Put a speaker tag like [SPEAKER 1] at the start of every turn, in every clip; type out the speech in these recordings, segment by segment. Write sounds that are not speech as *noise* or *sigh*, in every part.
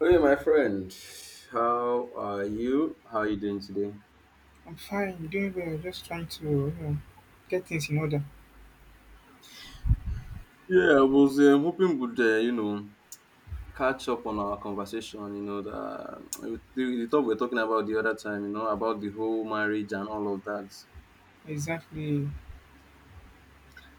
[SPEAKER 1] Hey, my friend, how are you? How are you doing today?
[SPEAKER 2] I'm fine, doing well, just trying to get things in order.
[SPEAKER 1] Yeah, I was hoping would catch up on our conversation. You know the talk we were talking about the other time. You know, about the whole marriage and all of that.
[SPEAKER 2] Exactly.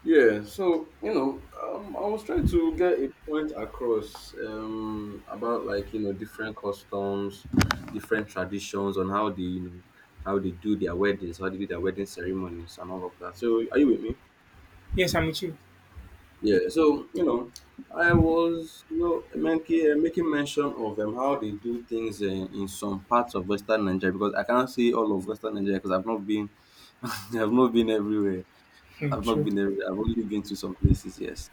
[SPEAKER 1] Yeah, so I was trying to get a point across about like different customs, different traditions on how they you know how they do their weddings, how they do their wedding ceremonies, and all of that. So, are you with me?
[SPEAKER 2] Yes, I'm with you.
[SPEAKER 1] Yeah, so you know, I was making making mention of how they do things in some parts of Western Nigeria, because I cannot not say all of Western Nigeria because I've not been *laughs* I've not been everywhere.
[SPEAKER 2] Hmm,
[SPEAKER 1] I've not
[SPEAKER 2] true.
[SPEAKER 1] been everywhere. I've only been to some places. Yes,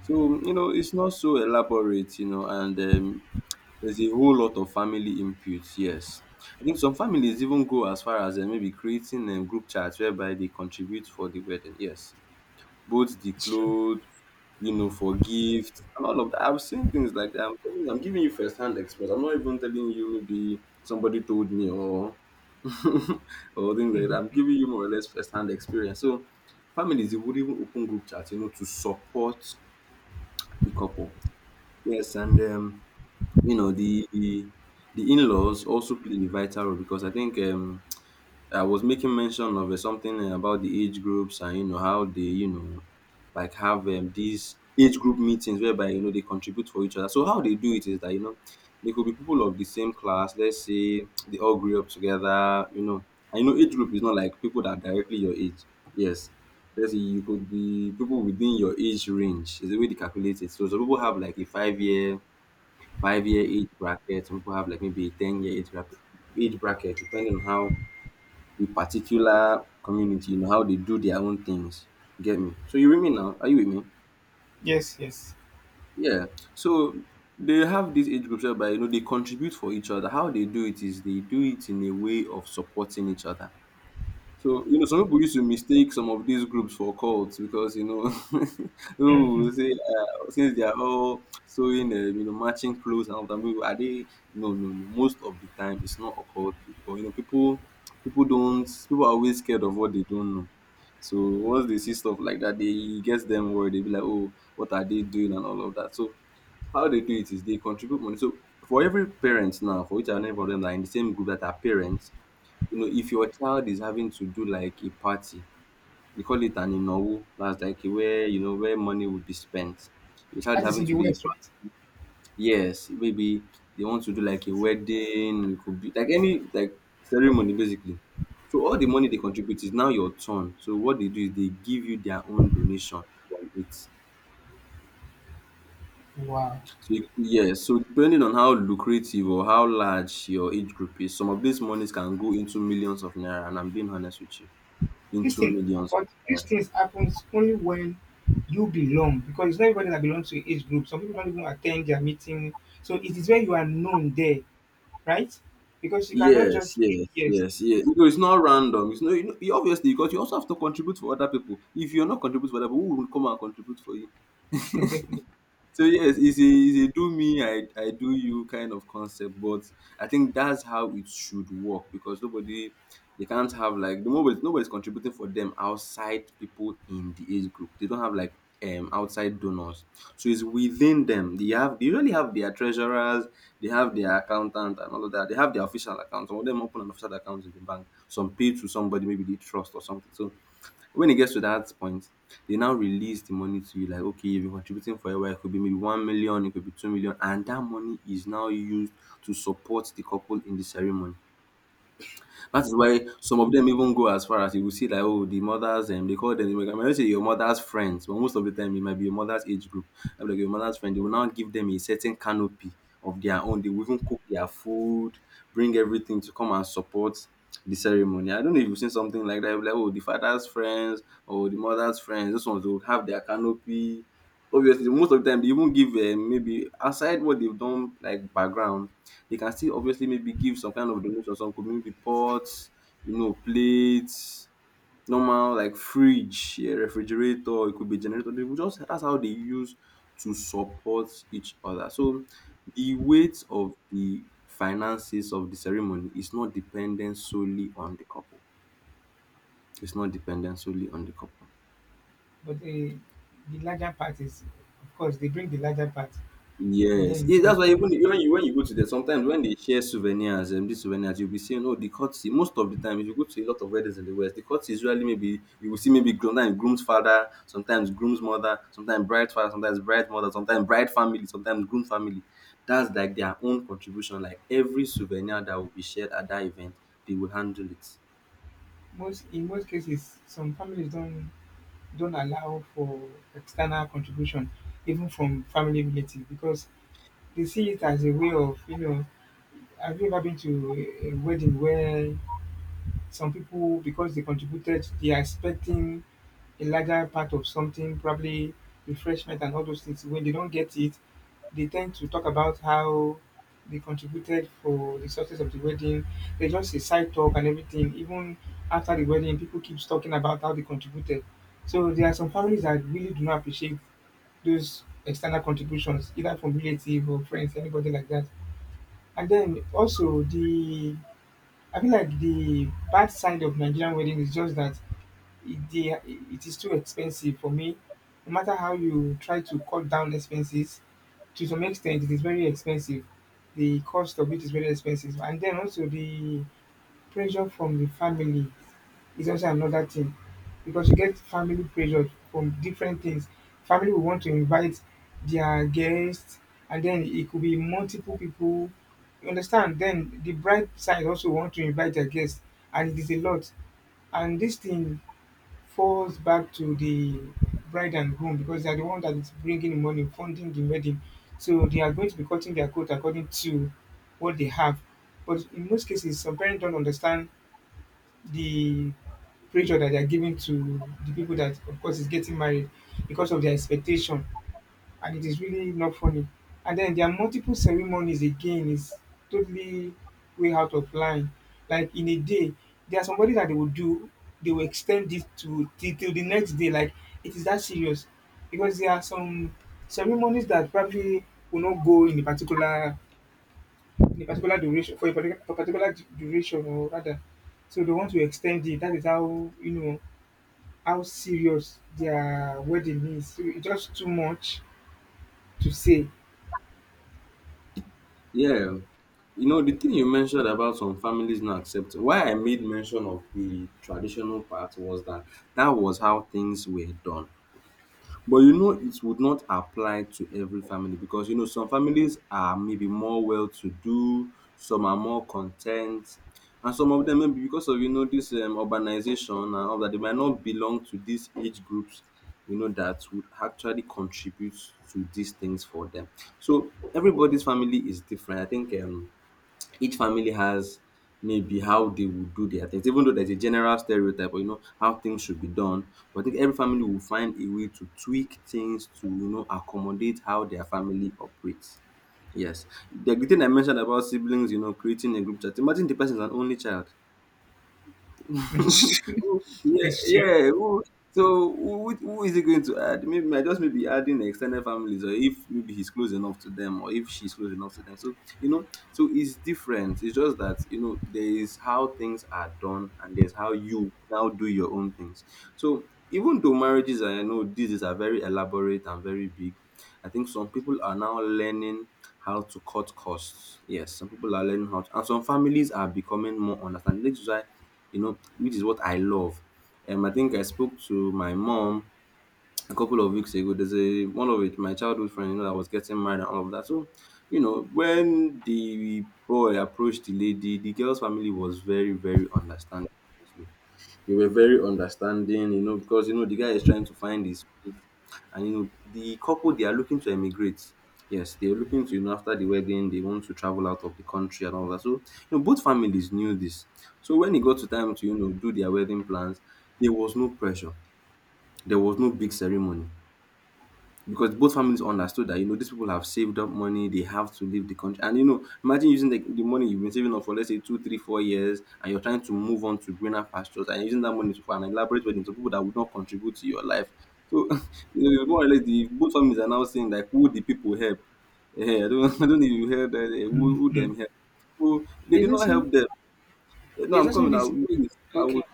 [SPEAKER 1] so you know, it's not so elaborate. You know, and there's a whole lot of family input. Yes, I think some families even go as far as maybe creating group chats whereby they contribute for the wedding. Yes, both the
[SPEAKER 2] It's true.
[SPEAKER 1] clothes, you know, for gifts and all of that. I've seen things like that. I'm telling you, I'm giving you first hand experience. I'm not even telling you maybe somebody told me or *laughs* or things like that. I'm giving you more or less first hand experience. So families, they would even open group chats, you know, to support the couple. Yes, and you know, the in-laws also play a vital role, because I think I was making mention of something about the age groups, and you know how they like have these age group meetings whereby you know they contribute for each other. So how they do it is that you know they could be people of the same class. Let's say they all grew up together. You know, and you know, age group is not like people that are directly your age. Yes, let's say, you could be people within your age range. Is the way they calculate it. So some people have like a 5 year, 5 year age bracket. Some people have like maybe a 10 year age bracket depending on how the particular community, you know, how they do their own things. Get me? So you with me now? Are you with me?
[SPEAKER 2] Yes, yes.
[SPEAKER 1] Yeah. So they have these age groups whereby you know they contribute for each other. How they do it is they do it in a way of supporting each other. So you know, some people used to mistake some of these groups for cults, because you know, *laughs* people will say since they are all sewing, you know, matching clothes and all that. People, are they? No, no, no. Most of the time, it's not a cult. But you know, people don't. People are always scared of what they don't know. So once they see stuff like that, they it gets them worried. They be like, "Oh, what are they doing?" and all of that. So how they do it is they contribute money. So for every parent now, for each and every of them that are in the same group that are parents, you know, if your child is having to do like a party, they call it an inowu. That's like where you know where money would be spent. Your child
[SPEAKER 2] That
[SPEAKER 1] is
[SPEAKER 2] is
[SPEAKER 1] having
[SPEAKER 2] in the
[SPEAKER 1] to do a
[SPEAKER 2] West,
[SPEAKER 1] party.
[SPEAKER 2] right?
[SPEAKER 1] Yes, maybe they want to do like a wedding. It could be like any like ceremony basically. So all the money they contribute is now your turn. So what they do is they give you their own donation from it. So
[SPEAKER 2] Wow.
[SPEAKER 1] yes, so depending on how lucrative or how large your age group is, some of these monies can go into millions of naira, and I'm being honest with you,
[SPEAKER 2] This
[SPEAKER 1] into
[SPEAKER 2] thing
[SPEAKER 1] millions
[SPEAKER 2] but
[SPEAKER 1] of
[SPEAKER 2] these
[SPEAKER 1] naira.
[SPEAKER 2] things happens only when you belong because it's not everybody that belongs to your age group. Some people don't even attend their meeting. So it is where you are known there, right? Because you cannot
[SPEAKER 1] Yes,
[SPEAKER 2] just
[SPEAKER 1] yes,
[SPEAKER 2] yes,
[SPEAKER 1] yes, yes. You know, it's not random. It's not you know, you obviously because you also have to contribute for other people. If you're not contributing for other people, who will come and contribute for you?
[SPEAKER 2] *laughs* definitely.
[SPEAKER 1] So yes, it's a do me, I do you kind of concept, but I think that's how it should work, because nobody they can't have like the nobody's contributing for them outside people in the age group. They don't have like outside donors. So it's within them. They really have their treasurers, they have their accountant and all of that. They have their official account. Some of them open an official account in the bank. Some pay to somebody, maybe they trust or something. So when it gets to that point, they now release the money to you. Like okay, you've been contributing for a while. It could be maybe 1 million, it could be 2 million, and that money is now used to support the couple in the ceremony. That is
[SPEAKER 2] Uh,
[SPEAKER 1] why some of them even go as far as, you will see, like, oh, the mothers, and they call them, I might not say your mother's friends, but most of the time it might be your mother's age group. I will be like your mother's friend. They will now give them a certain canopy of their own. They will even cook their food, bring everything to come and support the ceremony. I don't know if you've seen something like that, like oh, the father's friends or the mother's friends. Those ones will have their canopy. Obviously, most of the time they even give maybe aside what they've done like background, they can still obviously maybe give some kind of donation. Some could maybe pots, you know, plates, normal like fridge, yeah, refrigerator, it could be generator. They will just, that's how they use to support each other. So the weight of the finances of the ceremony is not dependent solely on the couple. It's not dependent solely on the couple.
[SPEAKER 2] but the larger part is of course they bring the larger part. And
[SPEAKER 1] Yes, yeah, that's
[SPEAKER 2] then,
[SPEAKER 1] why even you, when you go to there, sometimes when they share souvenirs, and these souvenirs, you'll be seeing, oh, the courtesy. Most of the time, if you go to a lot of weddings in the West, the courtesy is usually, maybe you will see, maybe sometimes groom's father, sometimes groom's mother, sometimes bride's father, sometimes bride mother, sometimes bride family, sometimes groom family. That's like their own contribution. Like every souvenir that will be shared at that event, they will handle it.
[SPEAKER 2] most in most cases some families don't allow for external contribution even from family relatives because they see it as a way of, you know, have you ever been to a wedding where some people, because they contributed, they are expecting a larger part of something, probably refreshment and all those things. When they don't get it, they tend to talk about how they contributed for the success of the wedding. They just a side talk and everything. Even after the wedding, people keep talking about how they contributed. So there are some families that really do not appreciate those external contributions, either from relatives or friends, anybody like that. And then also the I feel like the bad side of Nigerian wedding is just that it is too expensive for me. No matter how you try to cut down expenses, to some extent it is very expensive. The cost of it is very expensive, and then also the pressure from the family is also another thing because you get family pressure from different things. Family will want to invite their guests, and then it could be multiple people. You understand? Then the bride side also want to invite their guests, and it is a lot. And this thing falls back to the bride and groom because they are the one that is bringing the money, funding the wedding. So they are going to be cutting their coat according to what they have. But in most cases, some parents don't understand the pressure that they are giving to the people that, of course, is getting married because of their expectation, and it is really not funny. And then there are multiple ceremonies again, is totally way out of line. Like in a day, there are somebody that they will do, they will extend it to till, the next day. Like it is that serious. Because there are some ceremonies that probably will not go in a particular duration for a particular, for particular du- duration or rather. So they want to extend it. That is how you know how serious their wedding is. So it's just too much to say.
[SPEAKER 1] Yeah, you know, the thing you mentioned about some families not accepting. Why I made mention of the traditional part was that that was how things were done. But you know, it would not apply to every family, because you know, some families are maybe more well to do, some are more content, and some of them maybe because of you know this urbanization and all that, they might not belong to these age groups you know that would actually contribute to these things for them. So everybody's family is different. I think each family has maybe how they would do their things, even though there's a general stereotype or you know how things should be done, but I think every family will find a way to tweak things to you know accommodate how their family operates. Yes, the thing I mentioned about siblings, you know, creating a group chat, imagine the person is an only child.
[SPEAKER 2] *laughs* It's
[SPEAKER 1] *laughs*
[SPEAKER 2] true.
[SPEAKER 1] Yeah,
[SPEAKER 2] It's true.
[SPEAKER 1] yeah. So who is he going to add? Maybe might just maybe adding extended families, or if maybe he's close enough to them, or if she's close enough to them. So you know, so it's different. It's just that you know there is how things are done, and there's how you now do your own things. So even though marriages, I know these are very elaborate and very big, I think some people are now learning how to cut costs. Yes, some people are learning how to, and some families are becoming more understanding. This is why, you know, which is what I love. I think I spoke to my mom a couple of weeks ago. There's a one of it, my childhood friend, you know, that was getting married and all of that. So, you know, when the boy approached the lady, the girl's family was very, very understanding. Honestly. They were very understanding, you know, because you know the guy is trying to find his feet, and you know the couple they are looking to emigrate. Yes, they're looking to you know after the wedding they want to travel out of the country and all that. So you know both families knew this. So when it got to time to you know do their wedding plans, there was no pressure. There was no big ceremony because both families understood that you know these people have saved up money. They have to leave the country, and you know imagine using the money you've been saving up for, let's say, 2, 3, 4 years, and you're trying to move on to greener pastures, and you're using that money to for an elaborate wedding to people that would not contribute to your life. So *laughs* you know more or less the both families are now saying like, who the people help? I don't *laughs* I don't know if you heard that, who
[SPEAKER 2] Mhm.
[SPEAKER 1] them help, so they
[SPEAKER 2] There's
[SPEAKER 1] did not
[SPEAKER 2] also
[SPEAKER 1] help them. No,
[SPEAKER 2] there's
[SPEAKER 1] I'm
[SPEAKER 2] also
[SPEAKER 1] coming.
[SPEAKER 2] this myth.
[SPEAKER 1] I will
[SPEAKER 2] Okay,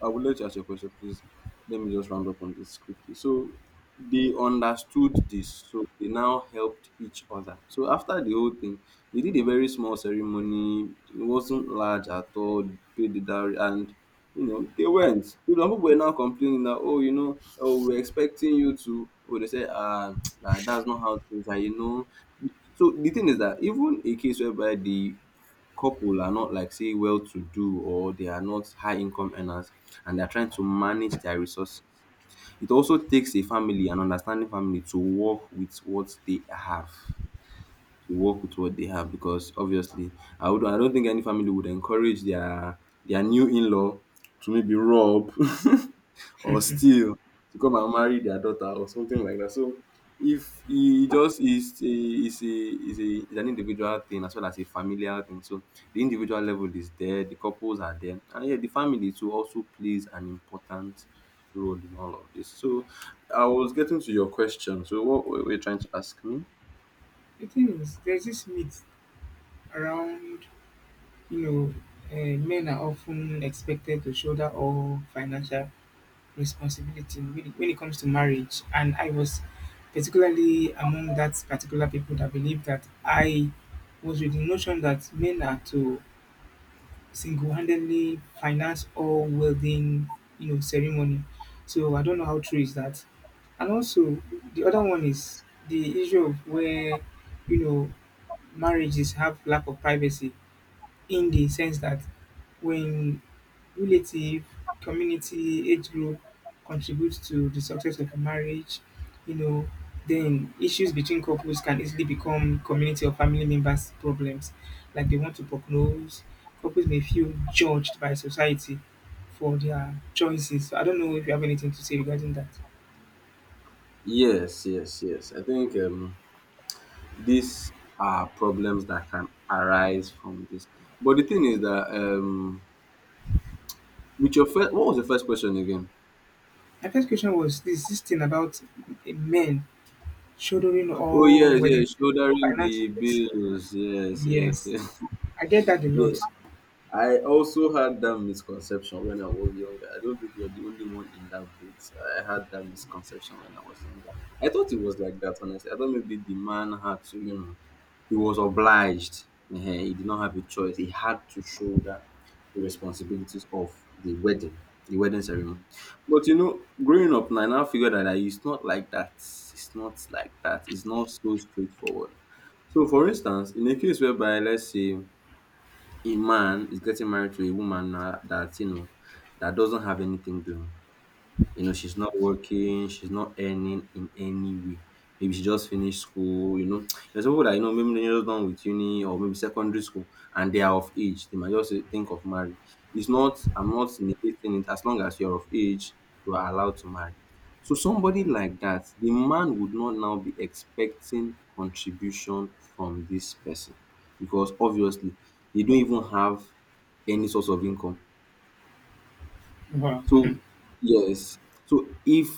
[SPEAKER 1] I would like to ask you a question, please. Let me just round up on this quickly. So they understood this, so they now helped each other. So after the whole thing, they did a very small ceremony. It wasn't large at all. They Paid the dowry, and you know they went. You know, people were now complaining that, oh, you know, oh, we're expecting you to. Oh, they said, ah, *tsk* nah, that's not how things are. You know, so the thing is that even a case whereby the couple are not, like, say well to do, or they are not high income earners, and they are trying to manage their resources, it also takes a family, an understanding family, to work with what they have. To work with what they have because obviously I don't think any family would encourage their new in-law to maybe rob *laughs* or steal to come and marry their daughter or something like that. So if he just is an individual thing as well as a familial thing. So the individual level is there, the couples are there, and yeah, the family too also plays an important role in all of this. So I was getting to your question. So what were you trying to ask me?
[SPEAKER 2] the thing is, there's this myth around, you know, men are often expected to shoulder all financial responsibility when it comes to marriage, and I was particularly among that particular people that believe that. I was with the notion that men are to single-handedly finance all wedding, you know, ceremony. So I don't know how true is that. And also, the other one is the issue of where, you know, marriages have lack of privacy, in the sense that when relative, community, age group contributes to the success of a marriage, you know, then issues between couples can easily become community or family members' problems. Like they want to prognose, couples may feel judged by society for their choices. So I don't know if you have anything to say regarding that.
[SPEAKER 1] Yes, yes, yes. I think these are problems that can arise from this. But the thing is that with your first, what was the first question again?
[SPEAKER 2] My first question was this, this thing about men shouldering
[SPEAKER 1] Oh
[SPEAKER 2] all
[SPEAKER 1] yes, yes,
[SPEAKER 2] weddings,
[SPEAKER 1] shouldering the
[SPEAKER 2] financing this.
[SPEAKER 1] bills. Yes, yes,
[SPEAKER 2] Yes,
[SPEAKER 1] yes,
[SPEAKER 2] I get that a
[SPEAKER 1] *laughs* yes.
[SPEAKER 2] lot.
[SPEAKER 1] I also had that misconception when I was younger. I don't think you're the only one in that boat. I had that misconception when I was younger. I thought it was like that, honestly. I thought maybe the man had to, you know, he was obliged. Ehen, he did not have a choice. He had to shoulder the responsibilities of the wedding, the wedding ceremony. But you know, growing up now, I now figure that, like, it's not like that. It's not like that. It's not so straightforward. So, for instance, in a case whereby, let's say, a man is getting married to a woman now that, you know, that doesn't have anything doing. You know, she's not working, she's not earning in any way. Maybe she just finished school, you know. *tsk* There's people that you know, maybe they're just done with uni or maybe secondary school, and they are of age. They might just think of marriage. It's not, I'm not negating it. As long as you're of age, you are allowed to marry. So somebody like that, the man would not now be expecting contribution from this person because obviously they don't even have any source of income.
[SPEAKER 2] Wow.
[SPEAKER 1] So yes. So if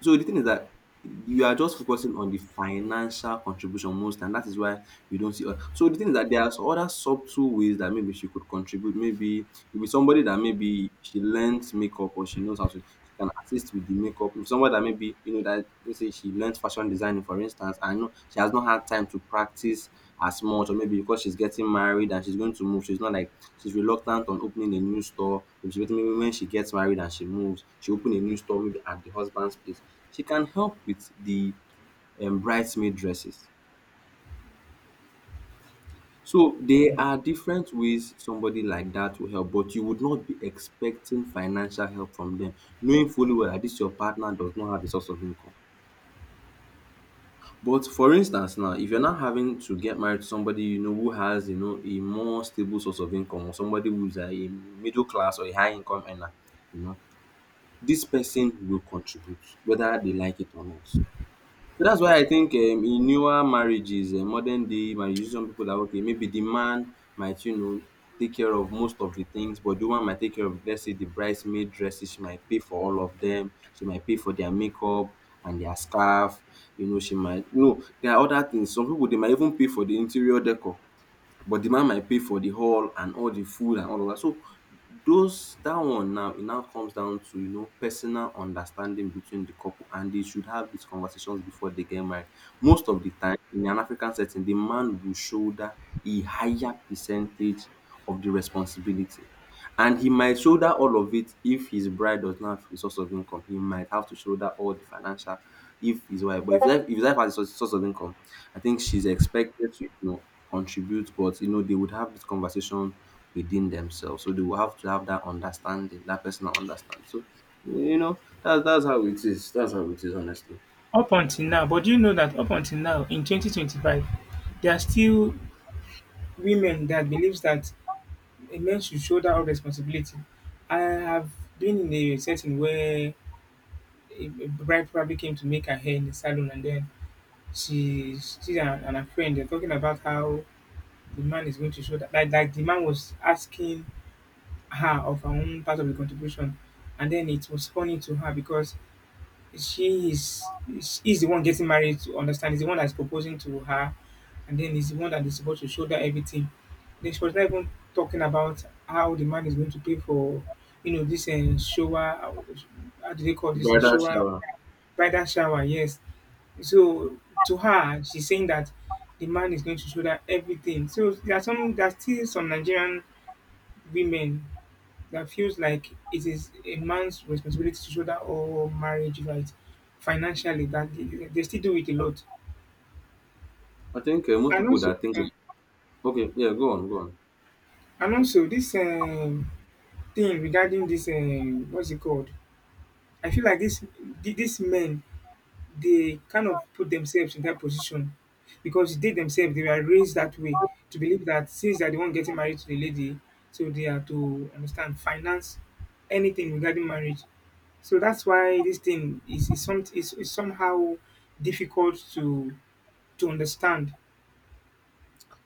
[SPEAKER 1] so the thing is that you are just focusing on the financial contribution most, and that is why we don't see her. So the thing is that there are other subtle ways that maybe she could contribute. Maybe if it's somebody that maybe she learns makeup, or she knows how to, she can assist with the makeup. If somebody that maybe you know that let's say she learns fashion designing, for instance, and you know she has not had time to practice as much, or maybe because she's getting married and she's going to move, she's not like she's reluctant on opening a new store. Maybe maybe when she gets married and she moves, she open a new store maybe at the husband's place. She can help with the bridesmaid dresses. So there
[SPEAKER 2] Mm.
[SPEAKER 1] are different ways somebody like that will help, but you would not be expecting financial help from them, knowing fully well that this your partner does not have a source of income. But for instance now, if you're not having to get married to somebody you know who has you know a more stable source of income, or somebody who's a middle class or a high income earner, you know, dis person will contribute whether they like it or not. So dats why I think in newer marriages modern day marriages some pipu like okay maybe de man might you know take care of most of de things but de woman might take care of let's say de bridesmaid dresses. She might pay for all of dem, she might pay for their makeup and their scarf. You know she might no there are other things, some pipu dey might even pay for de interior decor, but the man might pay for the hall and all the food and all of that. So those that one now it now comes down to you know personal understanding between the couple, and they should have these conversations before they get married. Most of the time in an African setting, the man will shoulder a higher percentage of the responsibility. And he might shoulder all of it if his bride does not have a source of income. He might have to shoulder all the financial if his wife, but if his wife has a source of income, I think she's expected to, you know, contribute, but you know, they would have this conversation within themselves. So they will have to have that understanding, that personal understanding. So you know, that's how it is. That's how it is, honestly.
[SPEAKER 2] Up until now, but do you know that up until now in 2025, there are still women that believes that a man should shoulder all responsibility. I have been in a setting where a bride probably came to make her hair in the salon, and then she and her friend, they're talking about how the man is going to shoulder, like the man was asking her of her own part of the contribution, and then it was funny to her because she is he's the one getting married to understand, is the one that's proposing to her, and then is the one that is supposed to shoulder everything. Then she was not even talking about how the man is going to pay for, you know, this and shower. How do they call this in
[SPEAKER 1] Bridal
[SPEAKER 2] shower,
[SPEAKER 1] shower.
[SPEAKER 2] bridal shower? Yes, so to her, she's saying that the man is going to shoulder everything. So there are some, there are still some Nigerian women that feels like it is a man's responsibility to shoulder all marriage rights financially, that they still do it a lot.
[SPEAKER 1] I think most
[SPEAKER 2] and
[SPEAKER 1] people
[SPEAKER 2] also
[SPEAKER 1] that think
[SPEAKER 2] uh,
[SPEAKER 1] okay, yeah, go on, go on.
[SPEAKER 2] and also this, thing regarding this, what's it called, I feel like this these men, they kind of put themselves in that position because they themselves, they were raised that way, to believe that since they're the one getting married to the lady, so they are to understand finance, anything regarding marriage. So that's why this thing is somehow difficult to understand.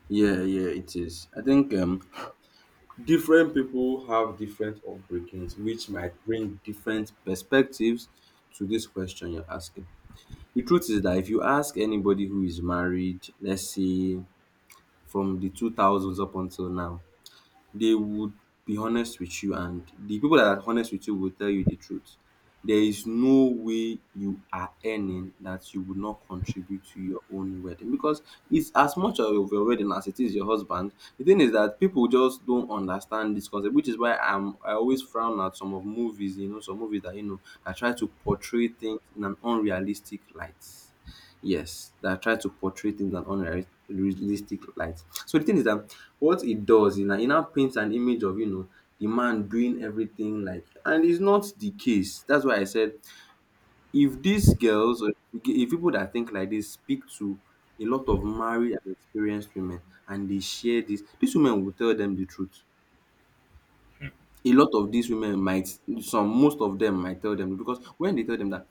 [SPEAKER 1] Yeah, yeah, it is. I think different people have different upbringings, which might bring different perspectives to this question you're asking. The truth is that if you ask anybody who is married, let's say from the 2000s up until now, they would be honest with you, and the people that are honest with you will tell you the truth. There is no way you are earning that you would not contribute to your own wedding because it's as much of your wedding as it is your husband. The thing is that people just don't understand this concept, which is why I always frown at some of movies, you know, some movies that you know that try to portray things in an unrealistic light. Yes, that try to portray things in an unrealistic light. So the thing is that what it does is that it now paints an image of you know the man doing everything like, and it's not the case. That's why I said if these girls, or if people that think like this speak to a lot of married and experienced women, and they share this, these women will tell them the truth. A lot of these women might some most of them might tell them because when they tell them that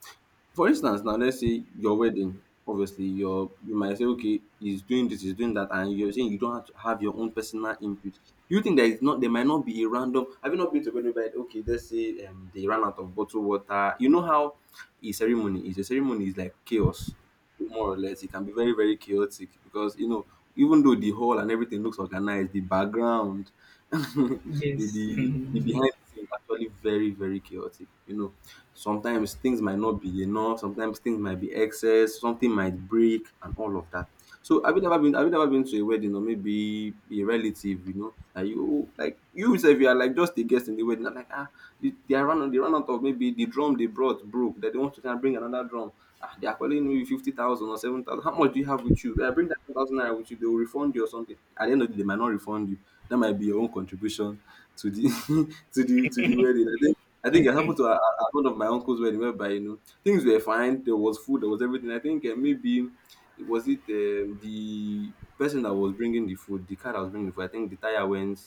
[SPEAKER 1] for instance now let's say your wedding obviously your you might say okay he's doing this he's doing that, and you're saying you don't have to have your own personal input. You think there might not be a random, have you not been to a wedding where, okay, let's say they ran out of bottled water. You know how a ceremony is, a ceremony is like chaos more or less. It can be very, very chaotic because you know even though the hall and everything looks organized, the background *laughs* the,
[SPEAKER 2] Yes,
[SPEAKER 1] the
[SPEAKER 2] *laughs*
[SPEAKER 1] behind the scenes is actually very, very chaotic, you know. Sometimes things might not be enough, sometimes things might be excess, something might break and all of that. So have you never been to a wedding, or maybe a relative you know that you like, you yourself you are like just a guest in the wedding and like, ah, they are run they ran out of maybe the drum they brought broke that they want to kind of bring another drum. Ah, they are calling you 50,000 or 7,000, how much do you have with you? I bring that thousand naira with you, they will refund you or something at the end of the day. They might not refund you, that might be your own contribution to the *laughs* to the wedding. I think it happened to one of my uncle's wedding whereby, you know, things were fine. There was food. There was everything. I think maybe it was it the person that was bringing the food, the car that was bringing the food. I think the tire went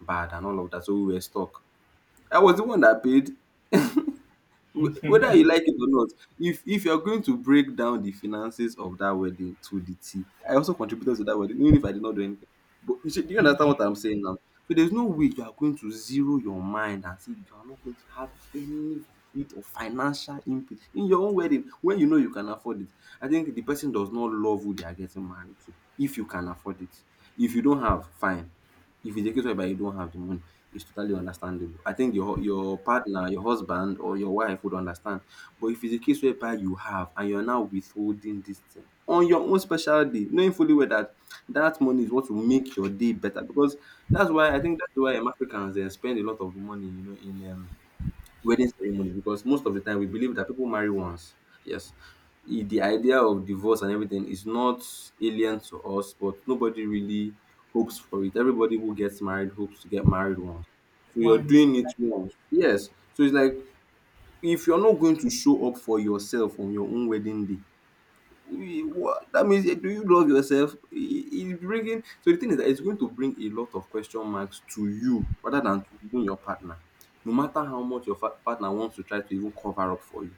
[SPEAKER 1] bad and all of that, so we were stuck. I was the one that paid. Whether you like it or not, if you're going to break down the finances of that wedding to the T, I also contributed to that wedding, even if I did not do anything. But you should Do you understand what I'm saying now? So there's no way you are going to zero your mind and say you are not going to have any bit of financial input in your own wedding when you know you can afford it. I think the person does not love who they are getting married to. If you can afford it. If you don't have, fine. If it's a case whereby you don't have the money, it's totally understandable. I think your partner, your husband or your wife, would understand. But if it's a case whereby you have and you're now withholding this thing on your own special day, knowing fully well that that money is what will make your day better. Because that's why, Africans, they spend a lot of money, you know, in wedding ceremonies, because most of the time we believe that people marry once. Yes, the idea of divorce and everything is not alien to us, but nobody really hopes for it. Everybody who gets married hopes to get married once. So you're
[SPEAKER 2] once,
[SPEAKER 1] doing it
[SPEAKER 2] exactly.
[SPEAKER 1] once. Yes. So it's like, if you're not going to show up for yourself on your own wedding day, we what that means, do you love yourself? It, it's bringing So the thing is that it's going to bring a lot of question marks to you rather than to even your partner, no matter how much your partner wants to try to even cover up for you,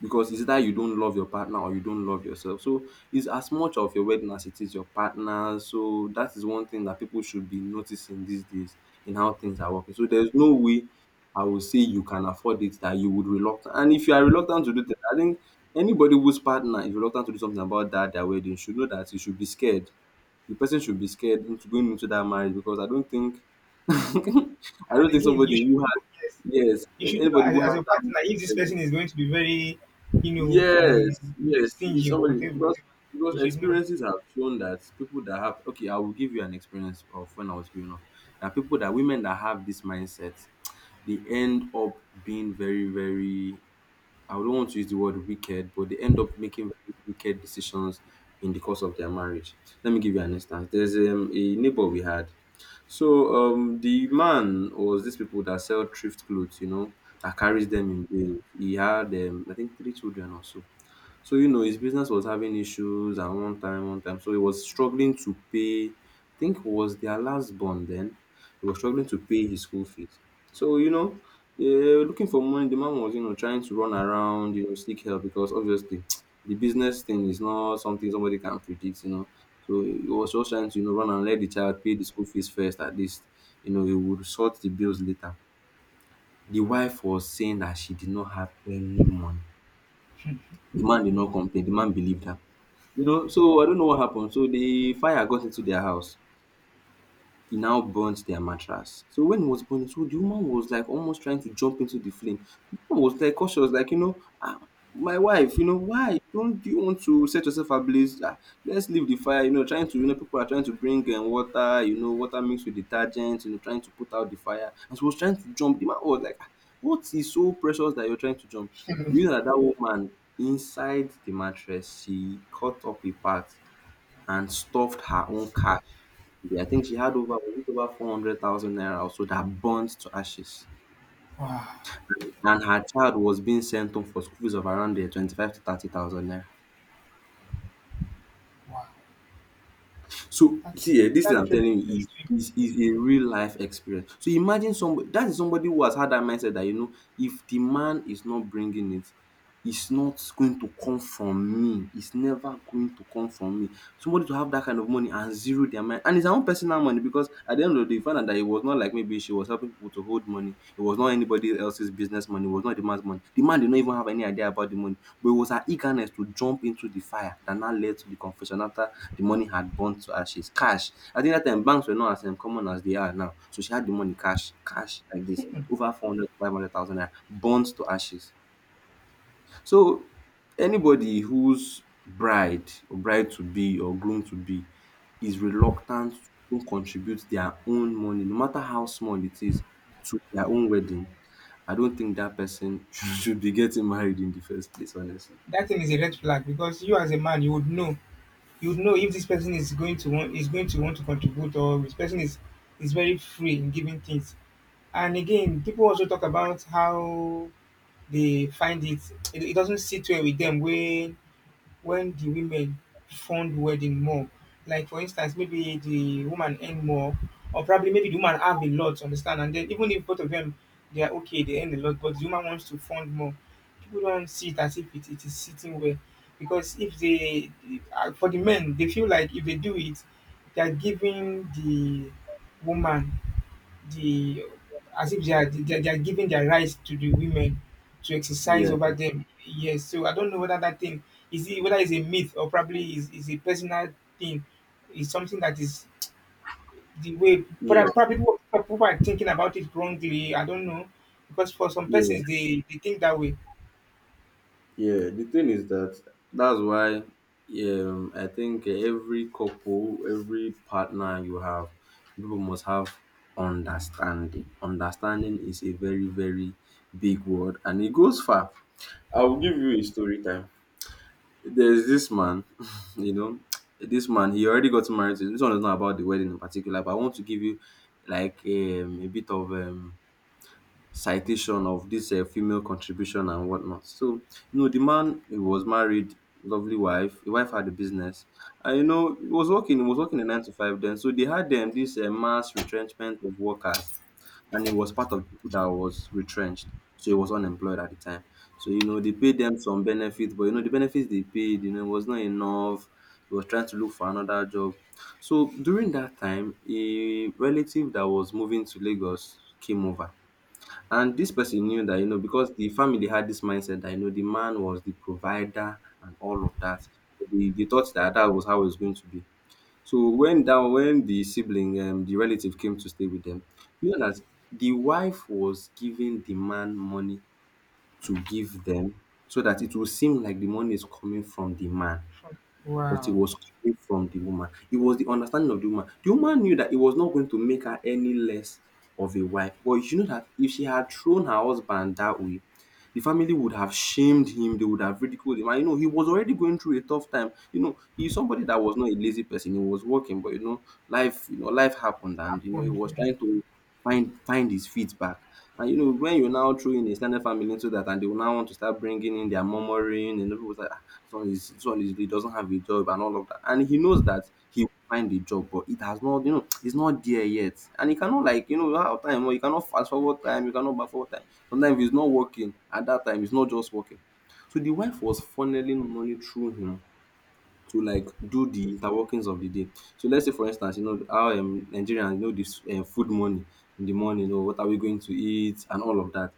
[SPEAKER 1] because it's either you don't love your partner or you don't love yourself. So it's as much of your wedding as it is your partner. So that is one thing that people should be noticing these days in how things are working. So there's no way I will say you can afford it that you would reluctant. And if you are reluctant to do that, I think anybody whose partner is reluctant to do something about that their wedding should know that you should be scared. The person should be scared into going into that marriage, because I don't think. *laughs* I don't
[SPEAKER 2] And
[SPEAKER 1] think
[SPEAKER 2] again, you
[SPEAKER 1] somebody
[SPEAKER 2] should
[SPEAKER 1] who has.
[SPEAKER 2] know. Yes,
[SPEAKER 1] Yes,
[SPEAKER 2] you should know
[SPEAKER 1] anybody who
[SPEAKER 2] as
[SPEAKER 1] has
[SPEAKER 2] your partner
[SPEAKER 1] that.
[SPEAKER 2] if this person is going to be very, you know,
[SPEAKER 1] Yes, yes, he's
[SPEAKER 2] stingy or
[SPEAKER 1] somebody,
[SPEAKER 2] whatever.
[SPEAKER 1] because
[SPEAKER 2] Whatever,
[SPEAKER 1] because
[SPEAKER 2] you should know.
[SPEAKER 1] experiences have shown that people that have, okay, I will give you an experience of when I was growing up. That people, that women that have this mindset, they end up being very, very, I don't want to use the word wicked, but they end up making very wicked decisions in the course of their marriage. Let me give you an instance. There's a neighbor we had. So the man was these people that sell thrift clothes, you know, that carries them in bales. He had, I think, three children or so. So, you know, his business was having issues, and one time, one time, so he was struggling to pay, I think it was their last bond then. He was struggling to pay his school fees. So, you know, they were looking for money. The man was, you know, trying to run around, you know, seek help, because obviously *tsk* the business thing is not something somebody can predict, you know. So he was just trying to, you know, run and let the child pay the school fees first at least. You know, he would sort the bills later. The wife was saying that she did not have any money. The man did not complain. The man believed her. You know, so I don't know what happened. So the fire got into their house. It now burnt their mattress. So when it was burning, so the woman was like almost trying to jump into the flame. The woman was like cautious, like, you know, ah, my wife, you know, why don't you want to set yourself ablaze? Ah, let's leave the fire, you know, trying to, you know, people are trying to bring water, you know, water mixed with detergent, you know, trying to put out the fire. And she was trying to jump. The man was like, "Ah, what is so precious that you're trying to jump?" You know
[SPEAKER 2] *laughs*
[SPEAKER 1] that that woman, inside the mattress, she cut up a part and stuffed her own cash. Yeah, I think she had over, was it over 400,000 naira, also, that burnt to ashes.
[SPEAKER 2] wow,
[SPEAKER 1] And her child was being sent home for school fees of around the 25 to 30,000 naira.
[SPEAKER 2] wow,
[SPEAKER 1] So,
[SPEAKER 2] that's
[SPEAKER 1] see, eh, this
[SPEAKER 2] that
[SPEAKER 1] thing I'm
[SPEAKER 2] literally
[SPEAKER 1] telling
[SPEAKER 2] is
[SPEAKER 1] you
[SPEAKER 2] extreme.
[SPEAKER 1] is a real life experience. So, imagine somebody that is, somebody who has had that mindset that, you know, if the man is not bringing it, it's not going to come from me. It's never going to come from me. Somebody to have that kind of money and zero their mind. And it's her own personal money, because at the end of the day, you find out that it was not like maybe she was helping people to hold money. It was not anybody else's business money. It was not the man's money. The man did not even have any idea about the money. But it was her eagerness to jump into the fire that now led to the confession after the money had burnt to ashes. Cash. I think that time banks were not as common as they are now. So she had the money cash, cash like this. Over 400 to 500,000 naira, burnt to ashes. So anybody whose bride or bride to be or groom to be is reluctant to contribute their own money, no matter how small it is, to their own wedding, I don't think that person *laughs* should be getting married in the first place, honestly.
[SPEAKER 2] That thing is a red flag because you as a man, you would know, you would know if this person is going to want, is going to want to contribute, or this person is very free in giving things. And again, people also talk about how they find it, it doesn't sit well with them when the women fund wedding more. Like for instance, maybe the woman earn more, or probably maybe the woman have a lot, understand? And then even if both of them, they are okay, they earn a lot, but the woman wants to fund more. People don't see it as if it, it is sitting well, because if they, for the men, they feel like if they do it, they are giving the woman the as if they are giving their rights to the women to exercise
[SPEAKER 1] Yeah,
[SPEAKER 2] over them. Yes, so I don't know whether that thing is it, whether it's a myth or probably is a personal thing. It's something that is the way,
[SPEAKER 1] yeah,
[SPEAKER 2] but probably people are thinking about it wrongly. I don't know, because for some
[SPEAKER 1] yeah.
[SPEAKER 2] persons, they think that way.
[SPEAKER 1] Yeah, the thing is that that's why, I think, every couple, every partner you have, people must have understanding. Understanding is a very, very big word and it goes far. I will give you a story time. There's this man, *laughs* you know, this man, he already got married. This one is not about the wedding in particular, but I want to give you like a bit of, citation of this female contribution and whatnot. So, you know, the man, he was married, lovely wife. The wife had a business, and, you know, he was working. He was working a nine to five then. So they had them this mass retrenchment of workers, and he was part of the people that was retrenched. So he was unemployed at the time. So, you know, they paid them some benefits, but, you know, the benefits they paid, you know, was not enough. He was trying to look for another job. So during that time, a relative that was moving to Lagos came over, and this person knew that, you know, because the family had this mindset that, you know, the man was the provider and all of that. They thought that that was how it was going to be. So when down, when the sibling, the relative came to stay with them, you know that the wife was giving the man money to give them, so that it will seem like the money is coming from the man, but it
[SPEAKER 2] Wow,
[SPEAKER 1] was coming from the woman. It was the understanding of the woman. The woman knew that it was not going to make her any less of a wife, but you know that if she had thrown her husband that way, the family would have shamed him, they would have ridiculed him. And, you know, he was already going through a tough time. You know, he's somebody that was not a lazy person, he was working, but, you know, life happened, and, you know, he
[SPEAKER 2] happened.
[SPEAKER 1] was
[SPEAKER 2] Yeah.
[SPEAKER 1] trying to find his feet back. And you know when you now throw in a ex family into that, and they will now want to start bringing in their murmuring, and people will say, ah, this one is, this one is, he doesn't have a job and all of that, and he knows that he will find a job, but it has not, you know, it's not there yet, and he cannot, like, you know how time, or you cannot fast forward time, you cannot back forward time. Sometimes if it's not working at that time, it's not just working. So the wife was funneling money through him to like do the interworkings of the day. So let's say, for instance, you know how, Nigerians, you know this, food money in the morning, or what are we going to eat and all of that.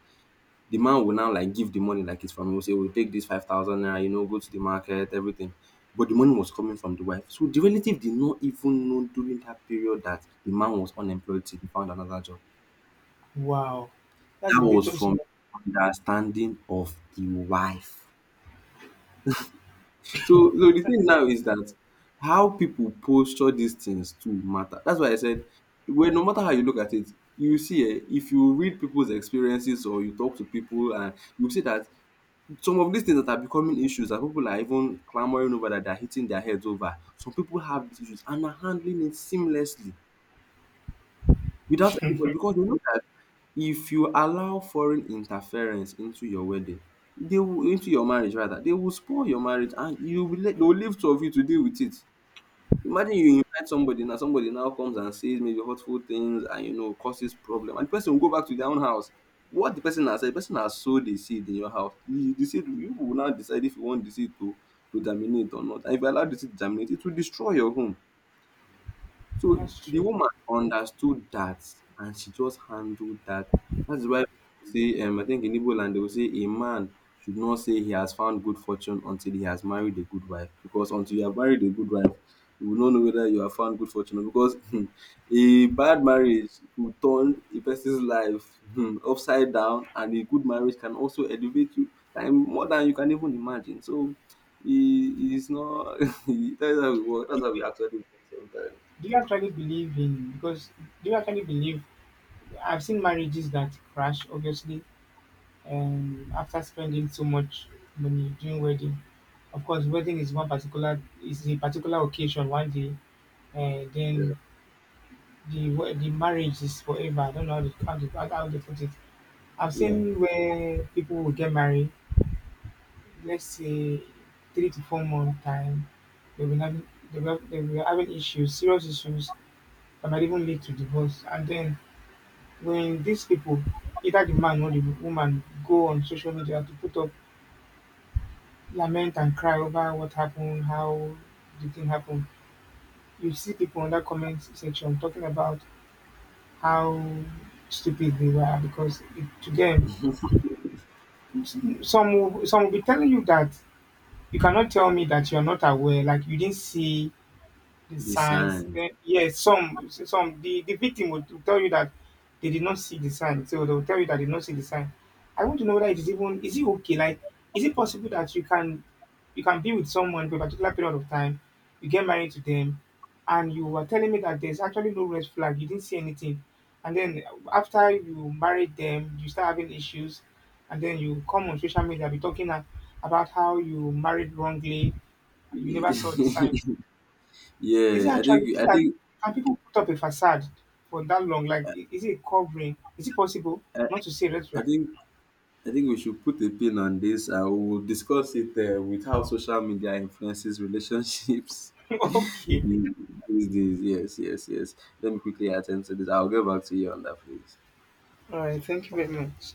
[SPEAKER 1] The man will now like give the money like it's from him. Will say, we'll take this 5,000 naira, you know, go to the market, everything. But the money was coming from the wife. So the relative did not even know during that period that the man was unemployed till he found another job.
[SPEAKER 2] Wow, that's
[SPEAKER 1] That
[SPEAKER 2] a
[SPEAKER 1] was
[SPEAKER 2] virtuous
[SPEAKER 1] from
[SPEAKER 2] woman.
[SPEAKER 1] understanding of the wife. So, so the thing now is that how people posture these things to matter. That's why I said, well, no matter how you look at it, you see, eh, if you read people's experiences or you talk to people, and you see that some of these things that are becoming issues that people are even clamoring over, that they're hitting their heads over, some people have these issues and are handling it seamlessly, without anybody, because they know that if you allow foreign interference into your wedding, they will, into your marriage rather, they will spoil your marriage, and you will let, they will leave two of you to deal with it. Imagine you invite somebody, now somebody now comes and says maybe hurtful things and, you know, causes problem, and the person will go back to their own house. What the person has said, the person has sowed a seed in your house. You decide, you will now decide, if you want the seed to germinate or not, and if you allow the seed to germinate, it will destroy your home. So
[SPEAKER 2] That's
[SPEAKER 1] the
[SPEAKER 2] true.
[SPEAKER 1] woman understood that, and she just handled that. That is why people say, I think in Igbo land they will say, a man should not say he has found good fortune until he has married a good wife. Because until you have married a good wife, you will not know whether you have found good fortune. Or, because *laughs* a bad marriage will turn a person's life *laughs* upside down, and a good marriage can also elevate you time more than you can even imagine. So it is not, *laughs* that's how we work. That's
[SPEAKER 2] Do
[SPEAKER 1] how we actually work sometimes.
[SPEAKER 2] you actually believe in because do you actually believe, I've seen marriages that crash, obviously, after spending so much money during wedding. Of course, wedding is one particular is a particular occasion one day, and then the marriage is forever. I don't know how they, how they, how they put it. I've
[SPEAKER 1] Yeah,
[SPEAKER 2] seen where people will get married, let's say 3 to 4 month time. They will having issues, serious issues that might even lead to divorce, and then when these people, either the man or the woman, go on social media to put up lament and cry over what happened, how the thing happened, you see people on that comment section talking about how stupid they were because it, to them, some will be telling you that you cannot tell me that you're not aware, like you didn't see the
[SPEAKER 1] the
[SPEAKER 2] signs.
[SPEAKER 1] sand.
[SPEAKER 2] Then yes, the victim would tell you that they did not see the sign. So they will tell you that they did not see the sign. I want to know whether it is even, is it okay? Like, is it possible that you can be with someone for a particular period of time, you get married to them, and you are telling me that there's actually no red flag, you didn't see anything. And then after you married them, you start having issues, and then you come on social media be talking about how you married wrongly,
[SPEAKER 1] *laughs*
[SPEAKER 2] you never saw the
[SPEAKER 1] Yeah,
[SPEAKER 2] signs. Is it
[SPEAKER 1] I
[SPEAKER 2] actually,
[SPEAKER 1] think
[SPEAKER 2] is it that can people put up a facade for that long? Like, is it a covering? Is it possible?
[SPEAKER 1] I,
[SPEAKER 2] Not to say red
[SPEAKER 1] I
[SPEAKER 2] flag.
[SPEAKER 1] think I think we should put a pin on this. I will discuss it with how social media influences relationships
[SPEAKER 2] *laughs* okay.
[SPEAKER 1] *laughs* these days. Yes, yes, yes. Let me quickly attend to this. I'll get back to you on that, please.
[SPEAKER 2] All right. Thank you very much.